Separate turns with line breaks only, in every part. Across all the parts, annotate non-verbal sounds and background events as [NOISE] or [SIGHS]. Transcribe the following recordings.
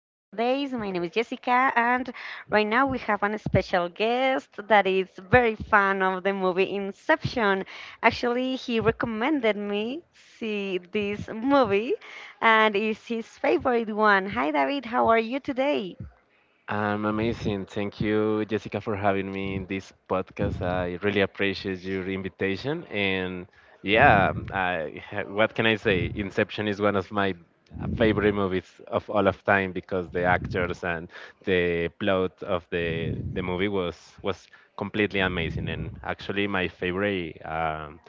nowadays. My name is Jessica, and right now we have an special guest that is very fan of the movie Inception. Actually, he recommended me see this movie, and it's his favorite one. Hi, David. How are you today?
I'm amazing. Thank you, Jessica, for having me in this podcast. I really appreciate your invitation. And yeah, [LAUGHS] what can I say? Inception is one of my favorite movies of all of time because the actors and the plot of the movie was completely amazing. And actually, my favorite,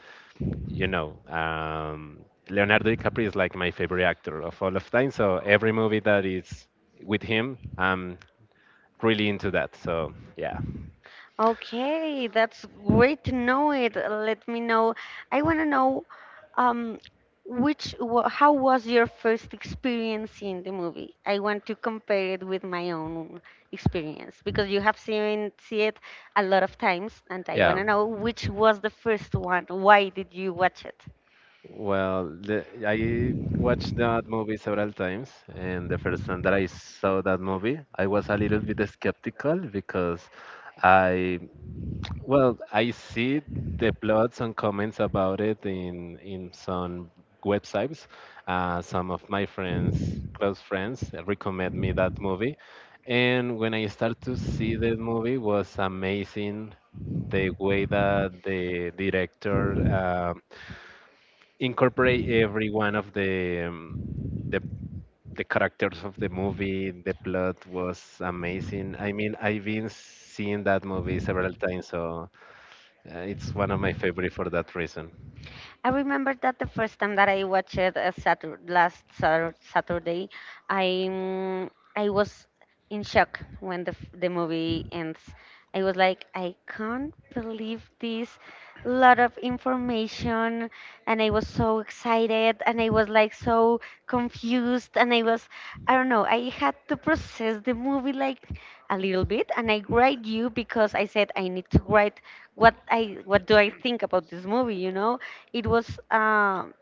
you know, um, Leonardo DiCaprio is like my favorite actor of all of time. So every movie that is with him. Really into that. So yeah,
Okay, that's great to know it. Let me know. I want to know um, how was your first experience in the movie? I want to compare it with my own experience because you have seen see it a lot of times, and I want
yeah.
to know which was the first one. Why did you watch it?
Well, I watched that movie several times, and the first time that I saw that movie, I was a little bit skeptical because I, well, I see the plots and comments about it in some websites. Some of my friends, close friends, recommend me that movie, and when I start to see the movie, was amazing the way that the director incorporate every one of the the the characters of the movie. The plot was amazing. I mean, I've been seeing that movie several times, so it's one of my favorite for that reason.
I remember that the first time that I watched it Saturday, I mm, I was in shock when the movie ends. I was like, I can't believe this lot of information, and I was so excited, and I was like so confused, and I was, I don't know, I had to process the movie like a little bit, and I write you because I said I need to write what do I think about this movie, you know? It was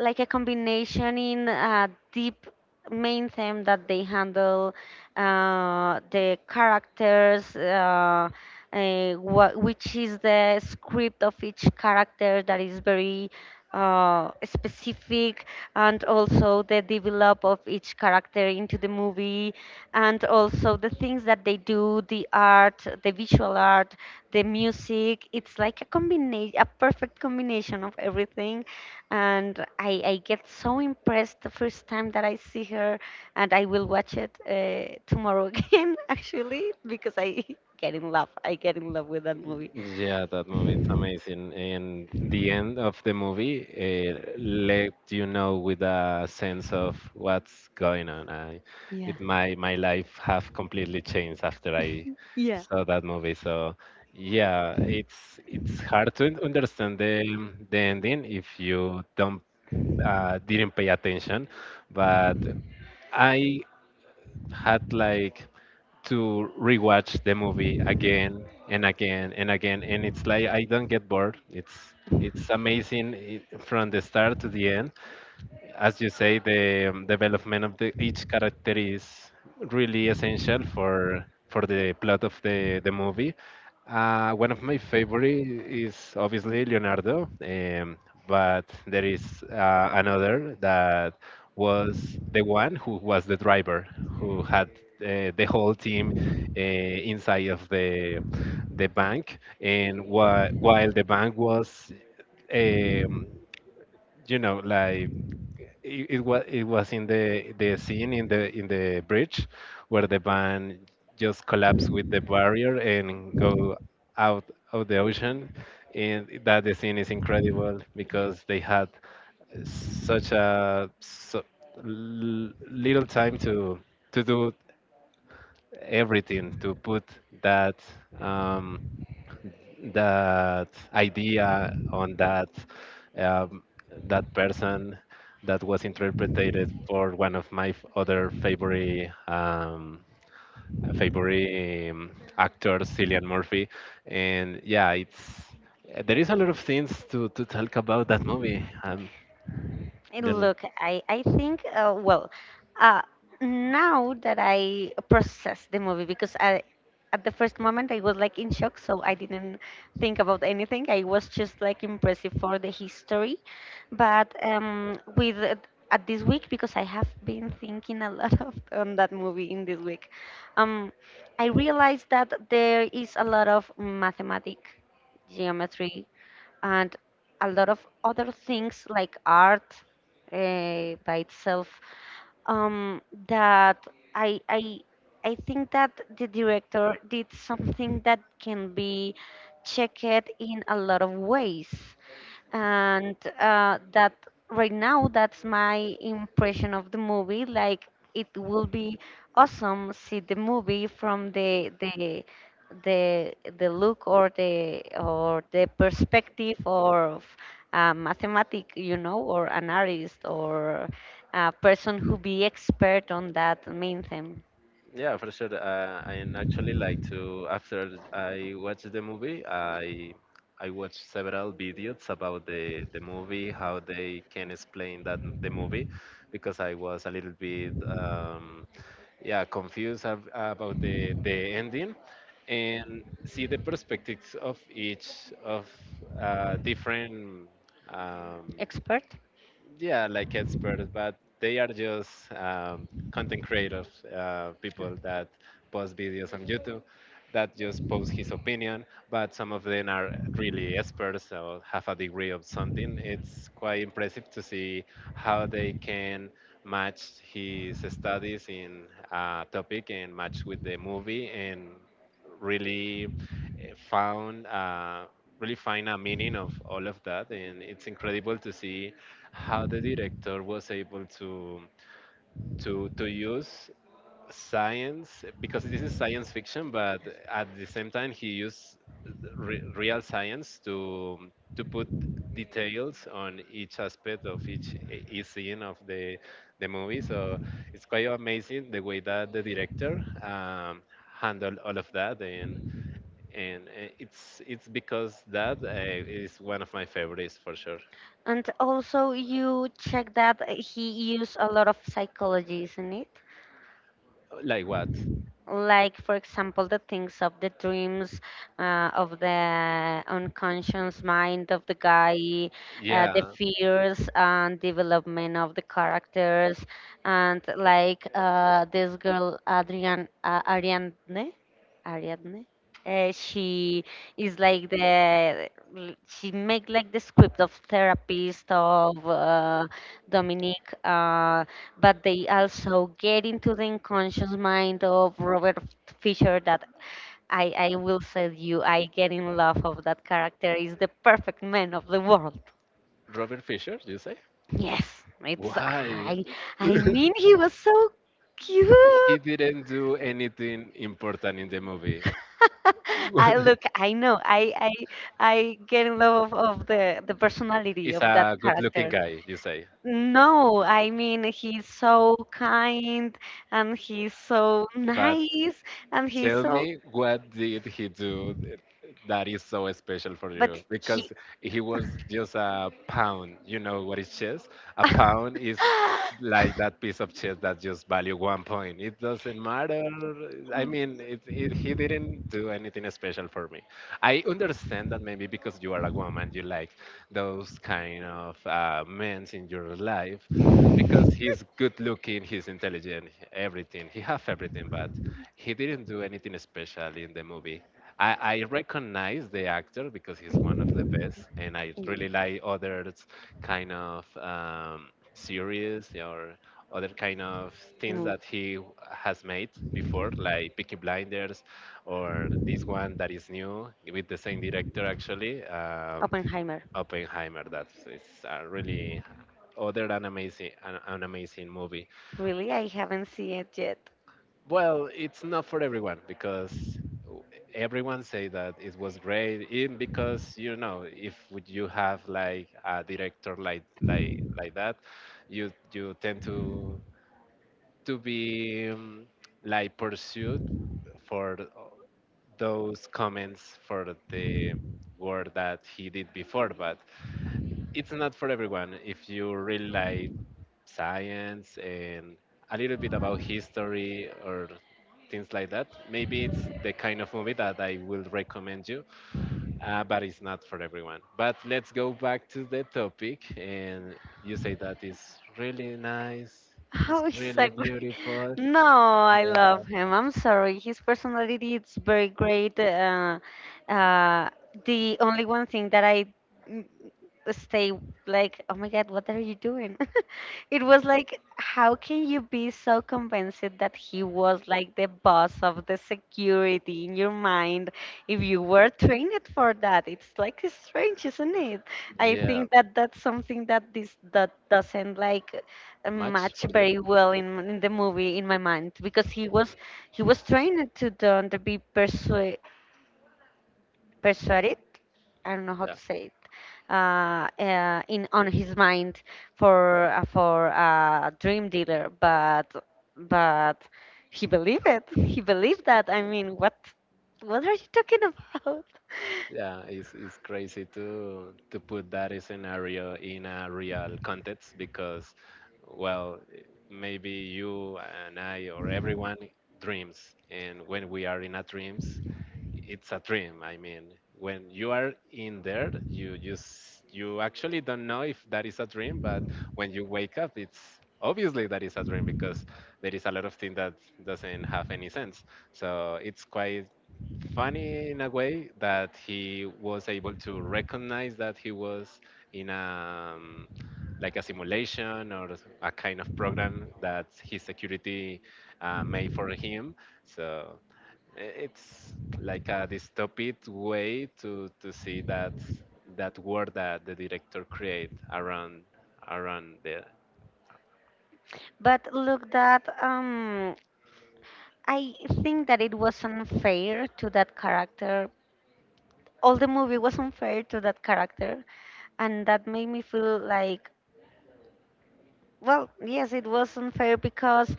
like a combination in a deep main theme that they handle, the characters, which is the script of each character that is very specific, and also the develop of each character into the movie, and also the things that they do, the art, the visual art, the music. It's like a combination, a perfect combination of everything, and I get so impressed the first time that I see her, and I will watch it tomorrow [LAUGHS] again actually, because I [LAUGHS] get in love. I get in love with that movie.
Yeah, that movie is amazing. And the end of the movie let you know with a sense of what's going on. I,
Yeah,
it my life have completely changed after I
yeah,
saw that movie. So yeah, it's hard to understand the ending if you don't didn't pay attention. But I had like to rewatch the movie again and again and again, and it's like I don't get bored. It's amazing from the start to the end. As you say, the development of each character is really essential for the plot of the movie. One of my favorite is obviously Leonardo, but there is another that was the one who was the driver, who had the whole team inside of the bank, and while the bank was um, like it was in the scene in the bridge where the van just collapsed with the barrier and go out of the ocean, and that the scene is incredible
yeah.
because they had such a so, little time to do everything to put that um, that idea on that um, that person that was interpreted for one of my other favorite favorite um, actors, Cillian Murphy, and yeah, it's there is a lot of things to talk about that movie.
Look, I think, well, uh, now that I process the movie, because I, at the first moment I was like in shock, so I didn't think about anything. I was just like impressive for the history. But with at this week, because I have been thinking a lot of, on that movie in this week, um, I realized that there is a lot of mathematic, geometry, and a lot of other things like art, by itself, um, that I, I I think that the director did something that can be checked in a lot of ways, and that right now that's my impression of the movie. Like, it will be awesome see the movie from the the look, or the perspective of a mathematic, or an artist, or a person who be expert on that main theme.
Yeah, for sure. And actually, like to after I watched the movie, I watched several videos about the movie, how they can explain the movie, because I was a little bit yeah, confused ab about the ending, and see the perspectives of each of different. Um,
Expert.
yeah, like experts, but they are just content creators, people that post videos on YouTube that just post his opinion. But some of them are really experts or have a degree of something. It's quite impressive to see how they can match his studies in a topic and match with the movie and really eh, found really find a meaning of all of that, and it's incredible to see how the director was able to to use science because this is science fiction, but at the same time he used real science to put details on each aspect of each each scene of the movie. So it's quite amazing the way that the director handled all of that. And it's because that is one of my favorites for sure.
And also you check that he use a lot of psychology, isn't it?
Like what?
Like, for example, the things of the dreams, of the unconscious mind of the guy, the
Yeah.
fears and development of the characters, and like, this girl adrian uh, ariadne ariadne, she is like the, she make like the script of therapist of, Dominique. But they also get into the unconscious mind of Robert Fisher, that I will say you, I get in love of that character. Is the perfect man of the world.
Robert Fisher, you say?
Yes, it's,
Why?
I
[LAUGHS]
mean, he was so cute.
He didn't do anything important in the movie.
I look,
[LAUGHS]
I know, I get in love of the personality
He's
of that
a good looking
character.
guy, you say.
No, I mean, he's so kind, and he's so
But
nice, and he's
tell
so,
me, what did he do that is so special for
but
you?
he.
Because he was just a pound. You know what is chess? A pound
[LAUGHS]
is like that piece of chess that just value 1 point. It doesn't matter. I mean, he didn't do anything special for me. I understand that maybe because you are a woman, you like those kind of men in your life because he's good looking, he's intelligent, everything. He have everything, but he didn't do anything special in the movie. I recognize the actor because he's one of the best, and I really like other kind of series or other kind of things
Mm,
that he has made before, like Peaky Blinders or this one that is new with the same director actually,
Oppenheimer.
Oppenheimer. That's a really other an amazing an amazing movie.
Really, I haven't seen it yet.
Well, it's not for everyone because w- everyone say that it was great. In because you know, if would you have like a director like like that, you tend to be like pursued for those comments for the work that he did before. But it's not for everyone. If you really like science and a little bit about history or things like that. Maybe it's the kind of movie that I will recommend you, but it's not for everyone. But let's go back to the topic, and you say that it's really nice, it's
How is
really
that great? [LAUGHS]
beautiful.
No, I love him. I'm sorry. His personality is very great. Uh, the only one thing that I, mm, stay like, oh my God, what are you doing? [LAUGHS] It was like, how can you be so convinced that he was like the boss of the security in your mind if you were trained for that? It's like strange, isn't it? I
Yeah,
think that that's something that this, that doesn't like
much
match
for you.
very well in the movie in my mind, because he was trained to don't be persuaded, I don't know how
Yeah.
to say it, in on his mind, for a dream dealer, but he believed that. I mean, what are you talking about?
Yeah, it's crazy to put that scenario in a real context because,
[LAUGHS]
well, maybe you and I or everyone dreams, and when we are in a dreams, it's a dream. I mean, when you are in there, you actually don't know if that is a dream, but when you wake up, it's obviously that is a dream because there is a lot of things that doesn't have any sense. So it's quite funny in a way that he was able to recognize that he was in a like a simulation or a kind of program that his security made for him. So it's like a dystopic way to see that that world that the director create around the
But look, that I think that it was unfair to that character. All the movie was unfair to that character, and that made me feel like, well, yes, it was unfair, because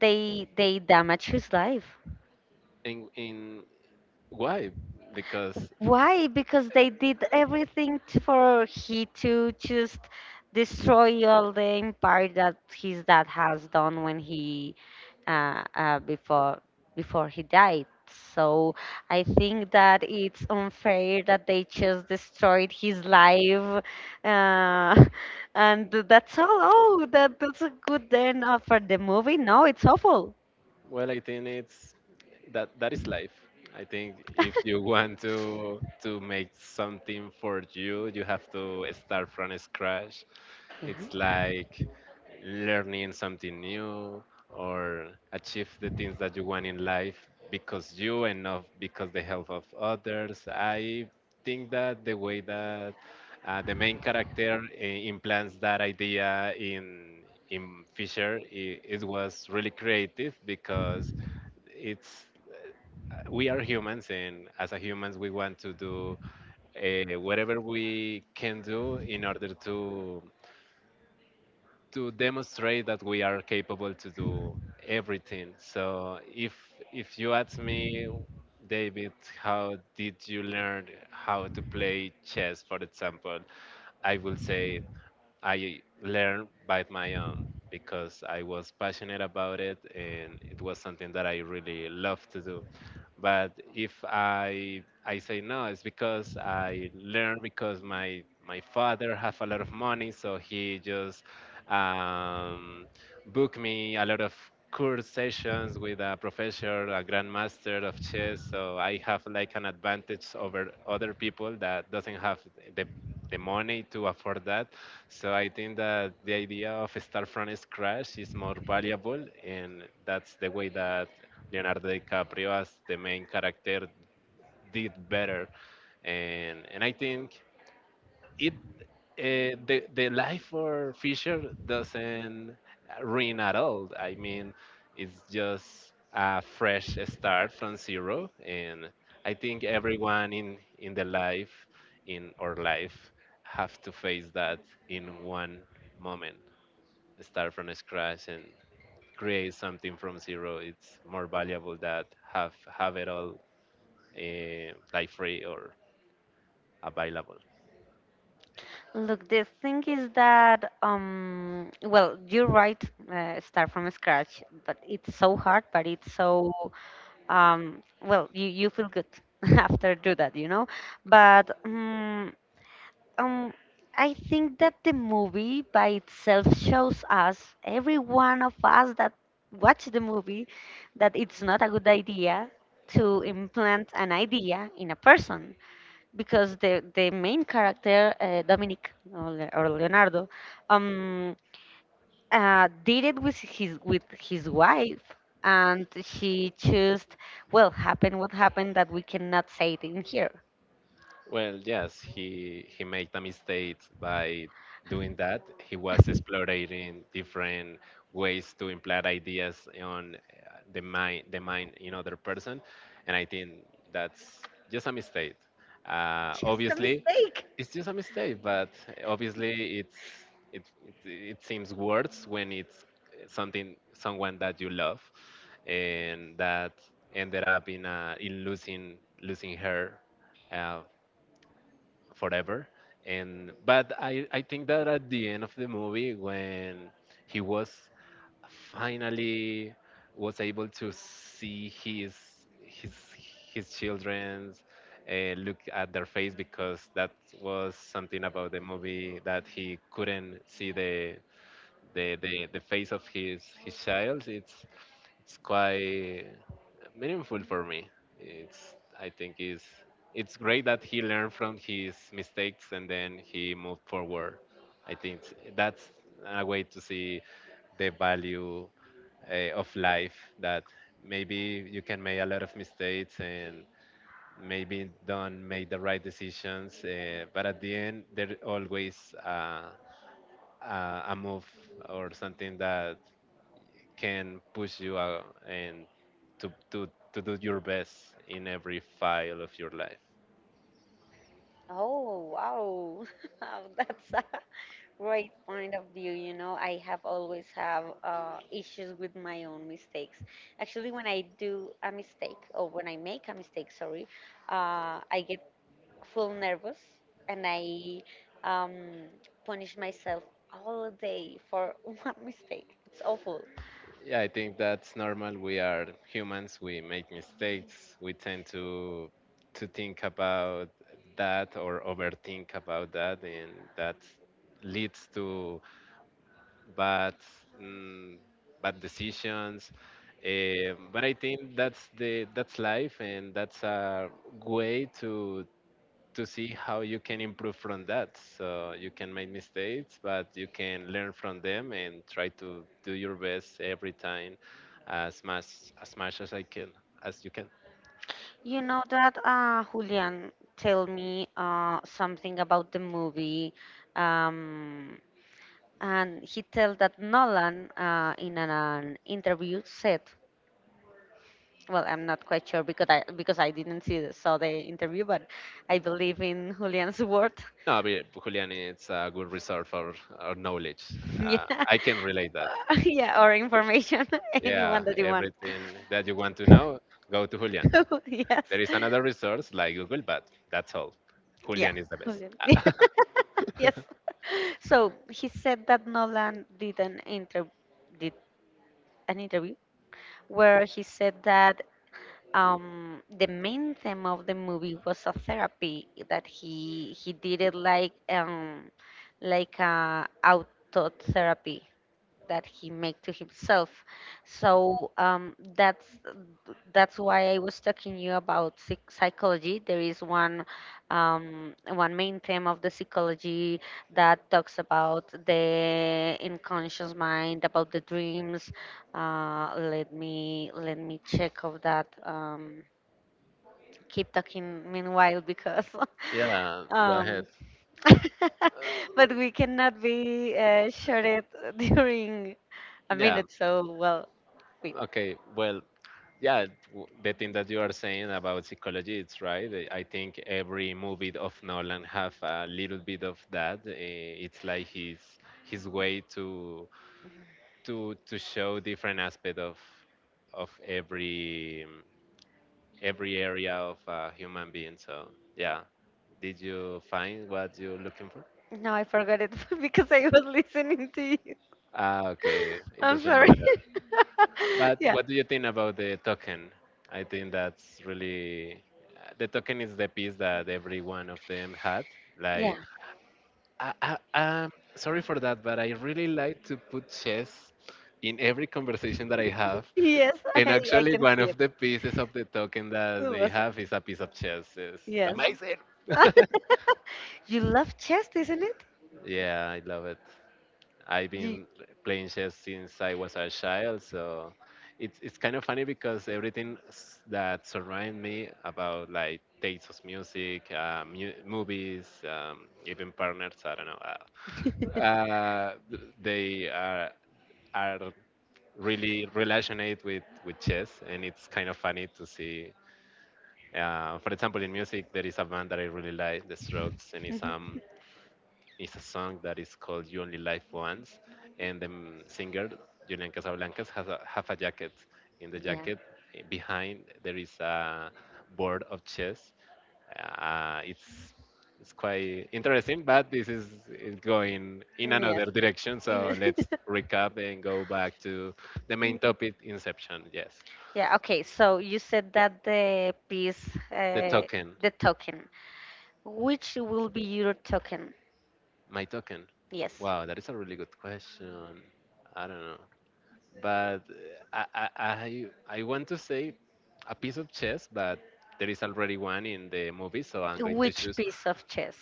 they damaged his life.
in why because
Why? Because they did everything, for he to just destroy all the empire that his dad has done when, he before before he died. So I think that it's unfair that they just destroyed his life, uh, [LAUGHS] and that's all. Oh, that's a good end for the movie. No, it's awful.
well I think it's that that is life. I think if
[LAUGHS]
you [LAUGHS] want to make something for you, you have to start from scratch. It's
Yeah.
like learning something new or achieve the things that you want in life because you and not because the help of others. I think that the way that the main character implants that idea in Fisher, I it was really creative because it's we are humans, and as a humans we want to do whatever we can do in order to demonstrate that we are capable to do everything. So if you ask me, David, how did you learn how to play chess, for example? I will say I learned by my own because I was passionate about it and it was something that I really loved to do. But if I say no, it's because I learned because my father have a lot of money, so he just um, booked me a lot of course sessions with a professor, a grandmaster of chess. So I have like an advantage over other people that doesn't have the the money to afford that. So I think that the idea of start from scratch is more valuable, and that's the way that Leonardo DiCaprio, as the main character, did better. And I think it the life for Fisher doesn't ruin at all. I mean, it's just a fresh start from zero, and I think everyone in the life in our life have to face that in one moment. Start from scratch and create something from zero. It's more valuable that have it all like free or available.
Look, the thing is that, well, you're right, start from scratch, but it's so hard, but it's so, well, you feel good [LAUGHS] after do that, you know? But um, I think that the movie by itself shows us, every one of us that watch the movie, that it's not a good idea to implant an idea in a person, because the main character, Dominic, or or Leonardo, um did it with his wife, and she just, well, happened what happened, that we cannot say it in here.
Well, yes, he made a mistake by doing that. He was exploring different ways to implant ideas on the mind, the mind in other person, and I think that's just a mistake.
Just a
Obviously,
mistake.
it's just a mistake, but obviously it's it seems worse when it's something someone that you love, and that ended up in losing, losing her. Uh, forever. And but I think that at the end of the movie when he was finally was able to see his his children's look at their face, because that was something about the movie that he couldn't see the face of his child. It's quite meaningful for me. It's I think is it's great that he learned from his mistakes and then he moved forward. I think that's a way to see the value of life that maybe you can make a lot of mistakes, and maybe don't make the right decisions, but at the end there always uh, a move or something that can push you out and to, to, to do your best in every file of your life.
Oh, wow. [LAUGHS] Wow, that's a great point of view, I have always have issues with my own mistakes, actually when I do a mistake, or when I make a mistake, sorry, I get full nervous, and I, um, punish myself all day for [LAUGHS] one mistake. It's awful.
Yeah, I think that's normal. We are humans. We make mistakes. We tend to think about that or overthink about that, and that leads to bad mm, bad decisions. But I think that's the that's life, and that's a way to see how you can improve from that. So you can make mistakes, but you can learn from them and try to do your best every time, as much as much as I can, as you can.
You know that Julian told me something about the movie, um, and he told that Nolan, in an interview, said, "Well, I'm not quite sure, because I didn't saw the interview, but I believe in Julian's word.
No, but yeah, Julian, it's a good result for our knowledge.
[LAUGHS] Yeah,
I can relate that.
[LAUGHS] yeah, or information, [LAUGHS]
Yeah,
anyone that you want."
everything that you want to know, go to Julian.
[LAUGHS] Yes.
There is another resource like Google, but that's all.
Yeah.
Julian is the best.
Julian. [LAUGHS] Yes. So he said that Nolan did an, did interview where he said that the main theme of the movie was a therapy that he did it, like like a auto therapy that he make to himself. So, that's why I was talking you about psychology. There is one main theme of the psychology that talks about the unconscious mind, about the dreams. Let me check of that. Keep talking meanwhile, because.
Yeah,
[LAUGHS]
go
um,
ahead.
[LAUGHS] but we cannot be sure it [LAUGHS] during. I mean,
Yeah,
it's so, well. Wait,
okay. Well, yeah, the thing that you are saying about psychology, it's right. I think every movie of Nolan have a little bit of that. It's like his way to to show different aspect of every area of a human being. So yeah, did you find what you're looking for?
no, I forgot it [LAUGHS] because I was listening to you.
Ah, okay,
[LAUGHS]
it
I'm
doesn't
sorry.
matter.
[LAUGHS]
But
Yeah,
what do you think about the token? I think that's really, the token is the piece that every one of them had.
yeah.
Like, I'm sorry for that, but I really like to put chess in every conversation that I have.
Yes, [LAUGHS]
And
I
actually,
can
one
see it.
of the pieces of the
It
token that they
was
have is a piece of chess. It's
Yes.
amazing. [LAUGHS]
[LAUGHS] You love chess, isn't it?
Yeah, I love it. I've
You...
been
[LAUGHS]
playing chess since I was a child, so it's kind of funny because everything that surrounds me, about like tastes of music, movies, even partners. I don't know. They are are really relationate with chess, and it's kind of funny to see. For example, in music, there is a band that I really like, The Strokes, and
Mhm.
it's a song that is called You Only Live Once, and the singer, Julian Casablancas, has a, have a jacket. In the
Yeah.
jacket, behind, there is a board of chess. Uh, it's it's quite interesting, but this is going in
Yes.
another direction.
You
So let's
know-
recap and go back to the main topic,
[LAUGHS]
Inception. Yes,
Yeah, okay. So you said that
the token,
the token. Which will be your token?
my token.
Yes.
Wow, that is a really good question. I don't know, but uh, I, I I I want to say a piece of chess, but there is already one in the movie, so I'm going to
Which
choose.
piece of chess?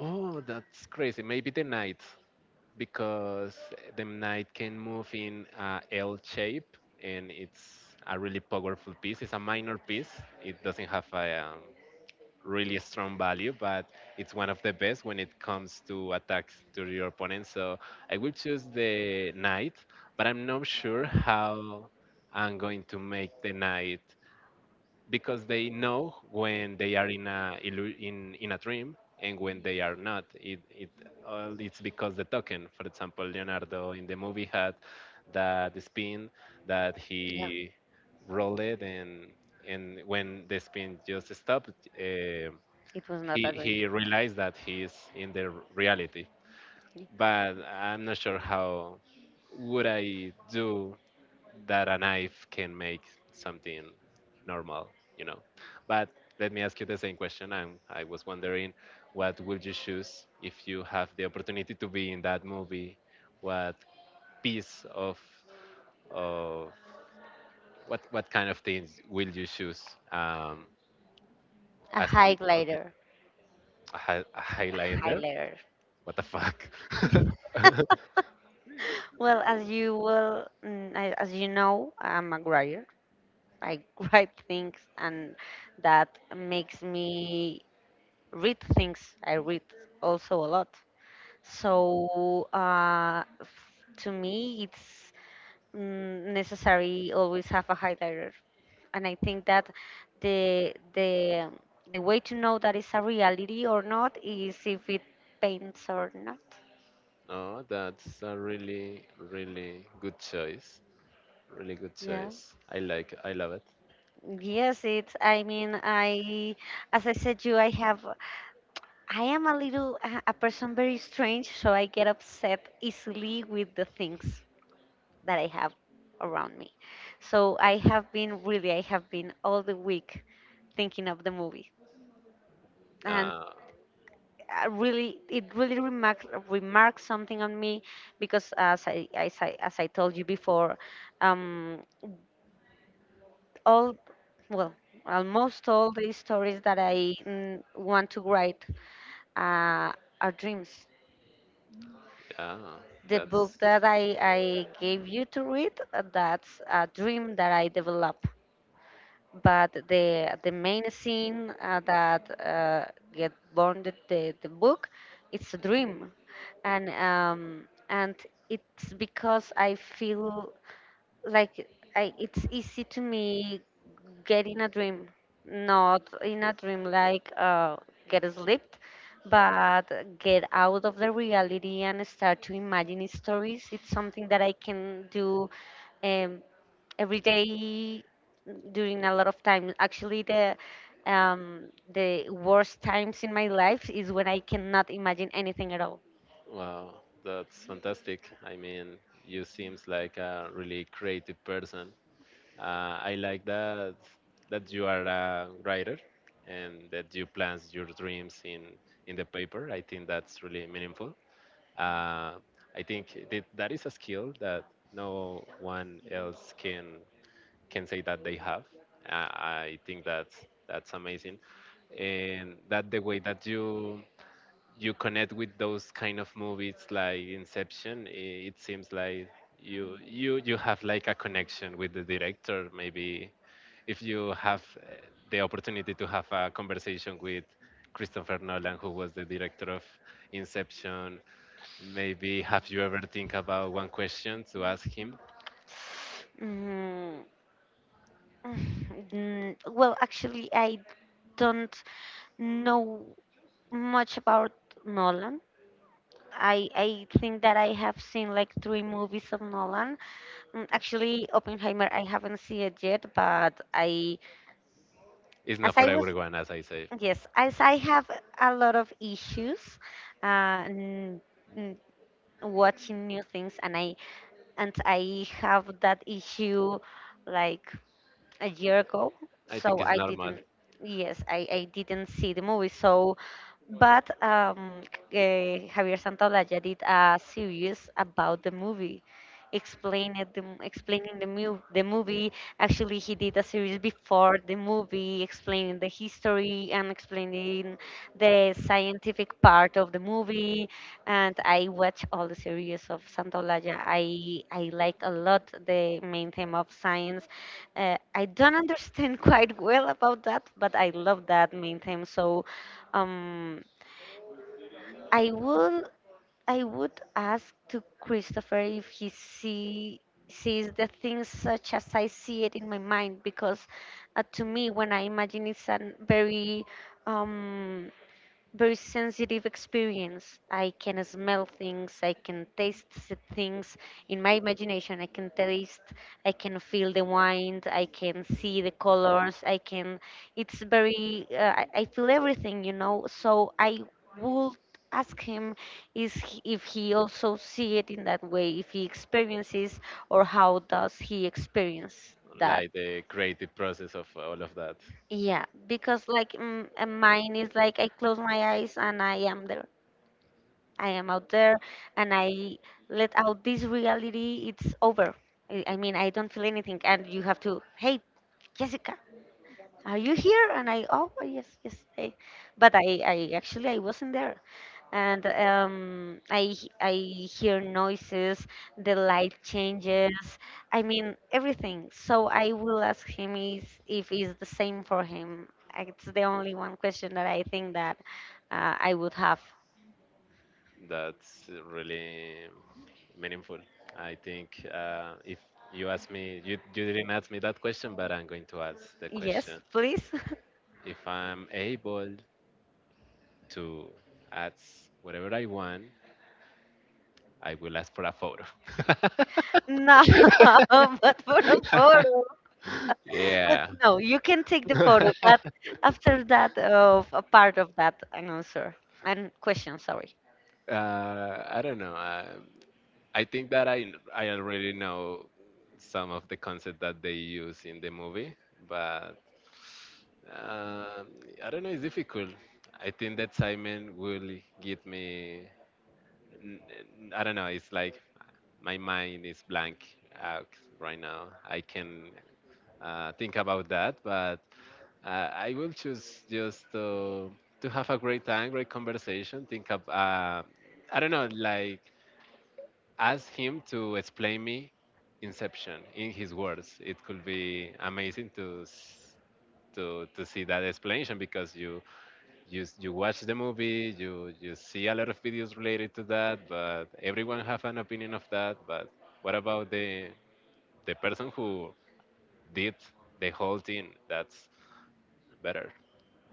Oh, that's crazy! Maybe the knight, because the knight can move in L shape, and it's a really powerful piece. It's a minor piece. It doesn't have a really strong value, but it's one of the best when it comes to attacks to your opponent. So I will choose the knight, but I'm not sure how I'm going to make the knight, because they know when they are in a in a dream and when they are not. It all it's because the token. For example, Leonardo in the movie had that spin that
Yeah,
he rolled it, and when the spin just stopped, eh,
it was not a dream.
he realized that he's in the reality.
Yeah.
But I'm not sure how would I do that a knife can make something normal, you know. But let me ask you the same question. I was wondering what would you choose if you have the opportunity to be in that movie. What piece of of what kind of things will you choose? um
A
as you, okay,
highlighter.
a a
A
highlighter.
highlighter.
What the fuck? [LAUGHS]
[LAUGHS] Well, as you will, as you know, I'm a writer. I [LAUGHS] write things, and that makes me read things. I read also a lot. So, to me, it's, necessary always have a highlighter, and I think that the the um, the way to know that it's a reality or not is if it paints or not.
Oh, that's a really, really good choice. Really good
Yeah.
choice. I like. I love it.
Yes, it's. I mean, as I said, I am a little, a person very strange, so I get upset easily with the things that I have around me. So I have been all the week thinking of the movie, and
Uh,
it really remarks something on me, because as I told you before, um, all well, almost all the stories that I, want to write, uh, are dreams.
yeah,
The book
that's
that I gave you to read, that's a dream that I develop. But the main scene, that get born the book, it's a dream. And and it's because I feel like, it's easy to me get in a dream, not in a dream like, get asleep, but get out of the reality and start to imagine stories, it's something that I can do um, every day during a lot of time. Actually, um, the worst times in my life is when I cannot imagine anything at all.
wow. That's fantastic. I mean, you seems like a really creative person. I like that you are a writer and that you plans your dreams in the paper. I think that's really meaningful. Uh, I think that, that is a skill that no one else can say that they have. I think that's amazing, and that the way that you connect with those kind of movies like Inception, it seems like you you have like a connection with the director. Maybe if you have the opportunity to have a conversation with Christopher Nolan, who was the director of Inception, maybe have you ever think about one question to ask him?
Mm, [SIGHS] well, actually I don't know much about Nolan. I think that I have seen like three movies of Nolan. Actually, Oppenheimer, I haven't seen it yet, but I,
It's
as
not for
I was,
everyone, as I say.
yes, as I have a lot of issues, uh, n- n- watching new things, and I have that issue, like a year ago,
I think
so
it's
I
normal,
didn't. Yes, I didn't see the movie. So, but Javier Santaolalla did a series about the movie, explaining the m- explaining the, mu- the movie. Actually, he did a series before the movie, explaining the history and explaining the scientific part of the movie, and I watch all the series of Santolaya. I like a lot the main theme of science. I don't understand [LAUGHS] quite well about that, but I love that main theme. So, um, I will I would ask to Christopher if he sees the things such as I see it in my mind, because, to me, when I imagine, it's a um very sensitive experience. I can smell things, I can taste things in my imagination. I can taste, I can feel the wine, I can see the colors, I can. It's very. I feel everything, you know. So I would ask him is, if he also see it in that way, if he experiences, or how does he experience that.
like the creative process of all of that.
Yeah, because like, mine is like I close my eyes and I am there. I am out there, and I let out this reality. It's over. I mean, I don't feel anything. And you have to, hey, Jessica, are you here? And oh, yes, yes. I wasn't there. And, I hear noises, the light changes. I mean, everything. So I will ask him if it's the same for him. It's the only one question that I think that, I would have.
That's really meaningful. I think, if you ask me, you didn't ask me that question, but I'm going to ask the
Yes,
question.
please. [LAUGHS]
If I'm able to ask whatever I want, I will ask for a photo.
No, [LAUGHS] but for a photo.
[LAUGHS] [LAUGHS]
But
Yeah.
no, you can take the photo, but
[LAUGHS]
after that, of a part of that, an answer and question, sorry.
I don't know. I think that I already know some of the concept that they use in the movie, but um, I don't know. It's difficult. I think that Simon will give me. n- I don't know. It's like my mind is blank out right now. I can think about that, but I will choose just to have a great time, great conversation. Think of, I don't know, like, ask him to explain me Inception in his words. It could be amazing to to see that explanation, because you you watch the movie, you see a lot of videos related to that, but everyone have an opinion of that. But what about the person who did the whole thing? That's better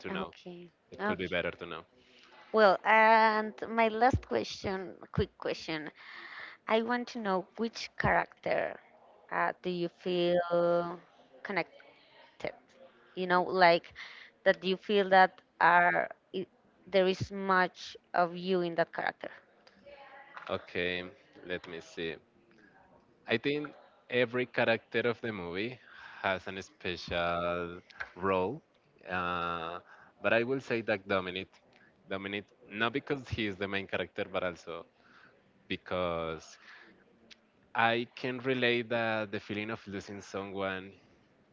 to know.
Okay,
It could be
okay.
better to know.
Well, and my last question, quick question. I want to know which character, do you feel connected? You know, like, that you feel that are I there is much of you in that character.
Okay, let me see. I think every character of the movie has an special role, uh, but I will say that Dominic, Dominic, not because he is the main character, but also because I can relate that the feeling of losing someone,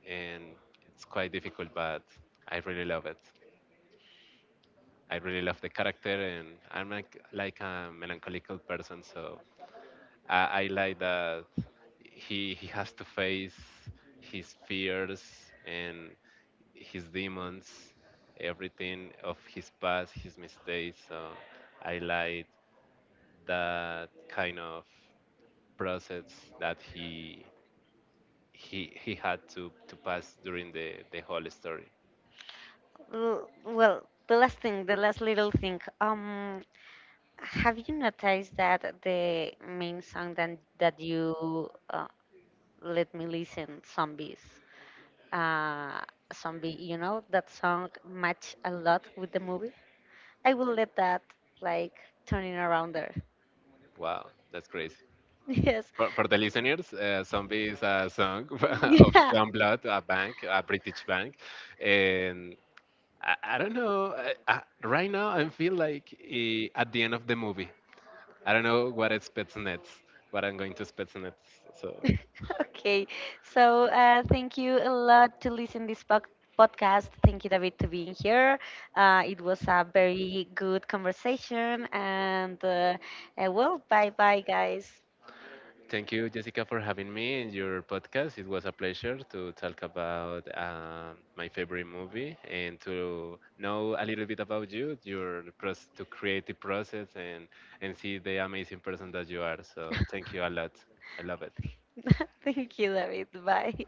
and it's quite difficult, but I really love it. I really love the character, and I'm like a melancholical person, so I like that he has to face his fears and his demons, everything of his past, his mistakes. So I like that kind of process that he he had to pass during the whole story.
Well, the last thing, the last little thing. Have you noticed that the main song that you, let me listen, uh, Zombie, that song match a lot with the movie? I will let that like turning around there.
Wow, that's crazy.
[LAUGHS] Yes.
For the listeners, Zombie is a song [LAUGHS] of
Yeah.
John Blood, a bank, a British bank, and I don't know. Right now, I feel like at the end of the movie. I don't know what expects next, what I'm going to expect next. So,
[LAUGHS] Okay, so, thank you a lot to listen this podcast. Thank you, David, to being here. It was a very good conversation, and, well, bye bye, guys.
thank you, Jessica, for having me in your podcast. It was a pleasure to talk about my favorite movie and to know a little bit about you, your to creative process, and see the amazing person that you are. So, thank you a lot. I love it.
[LAUGHS] Thank you, David. Bye.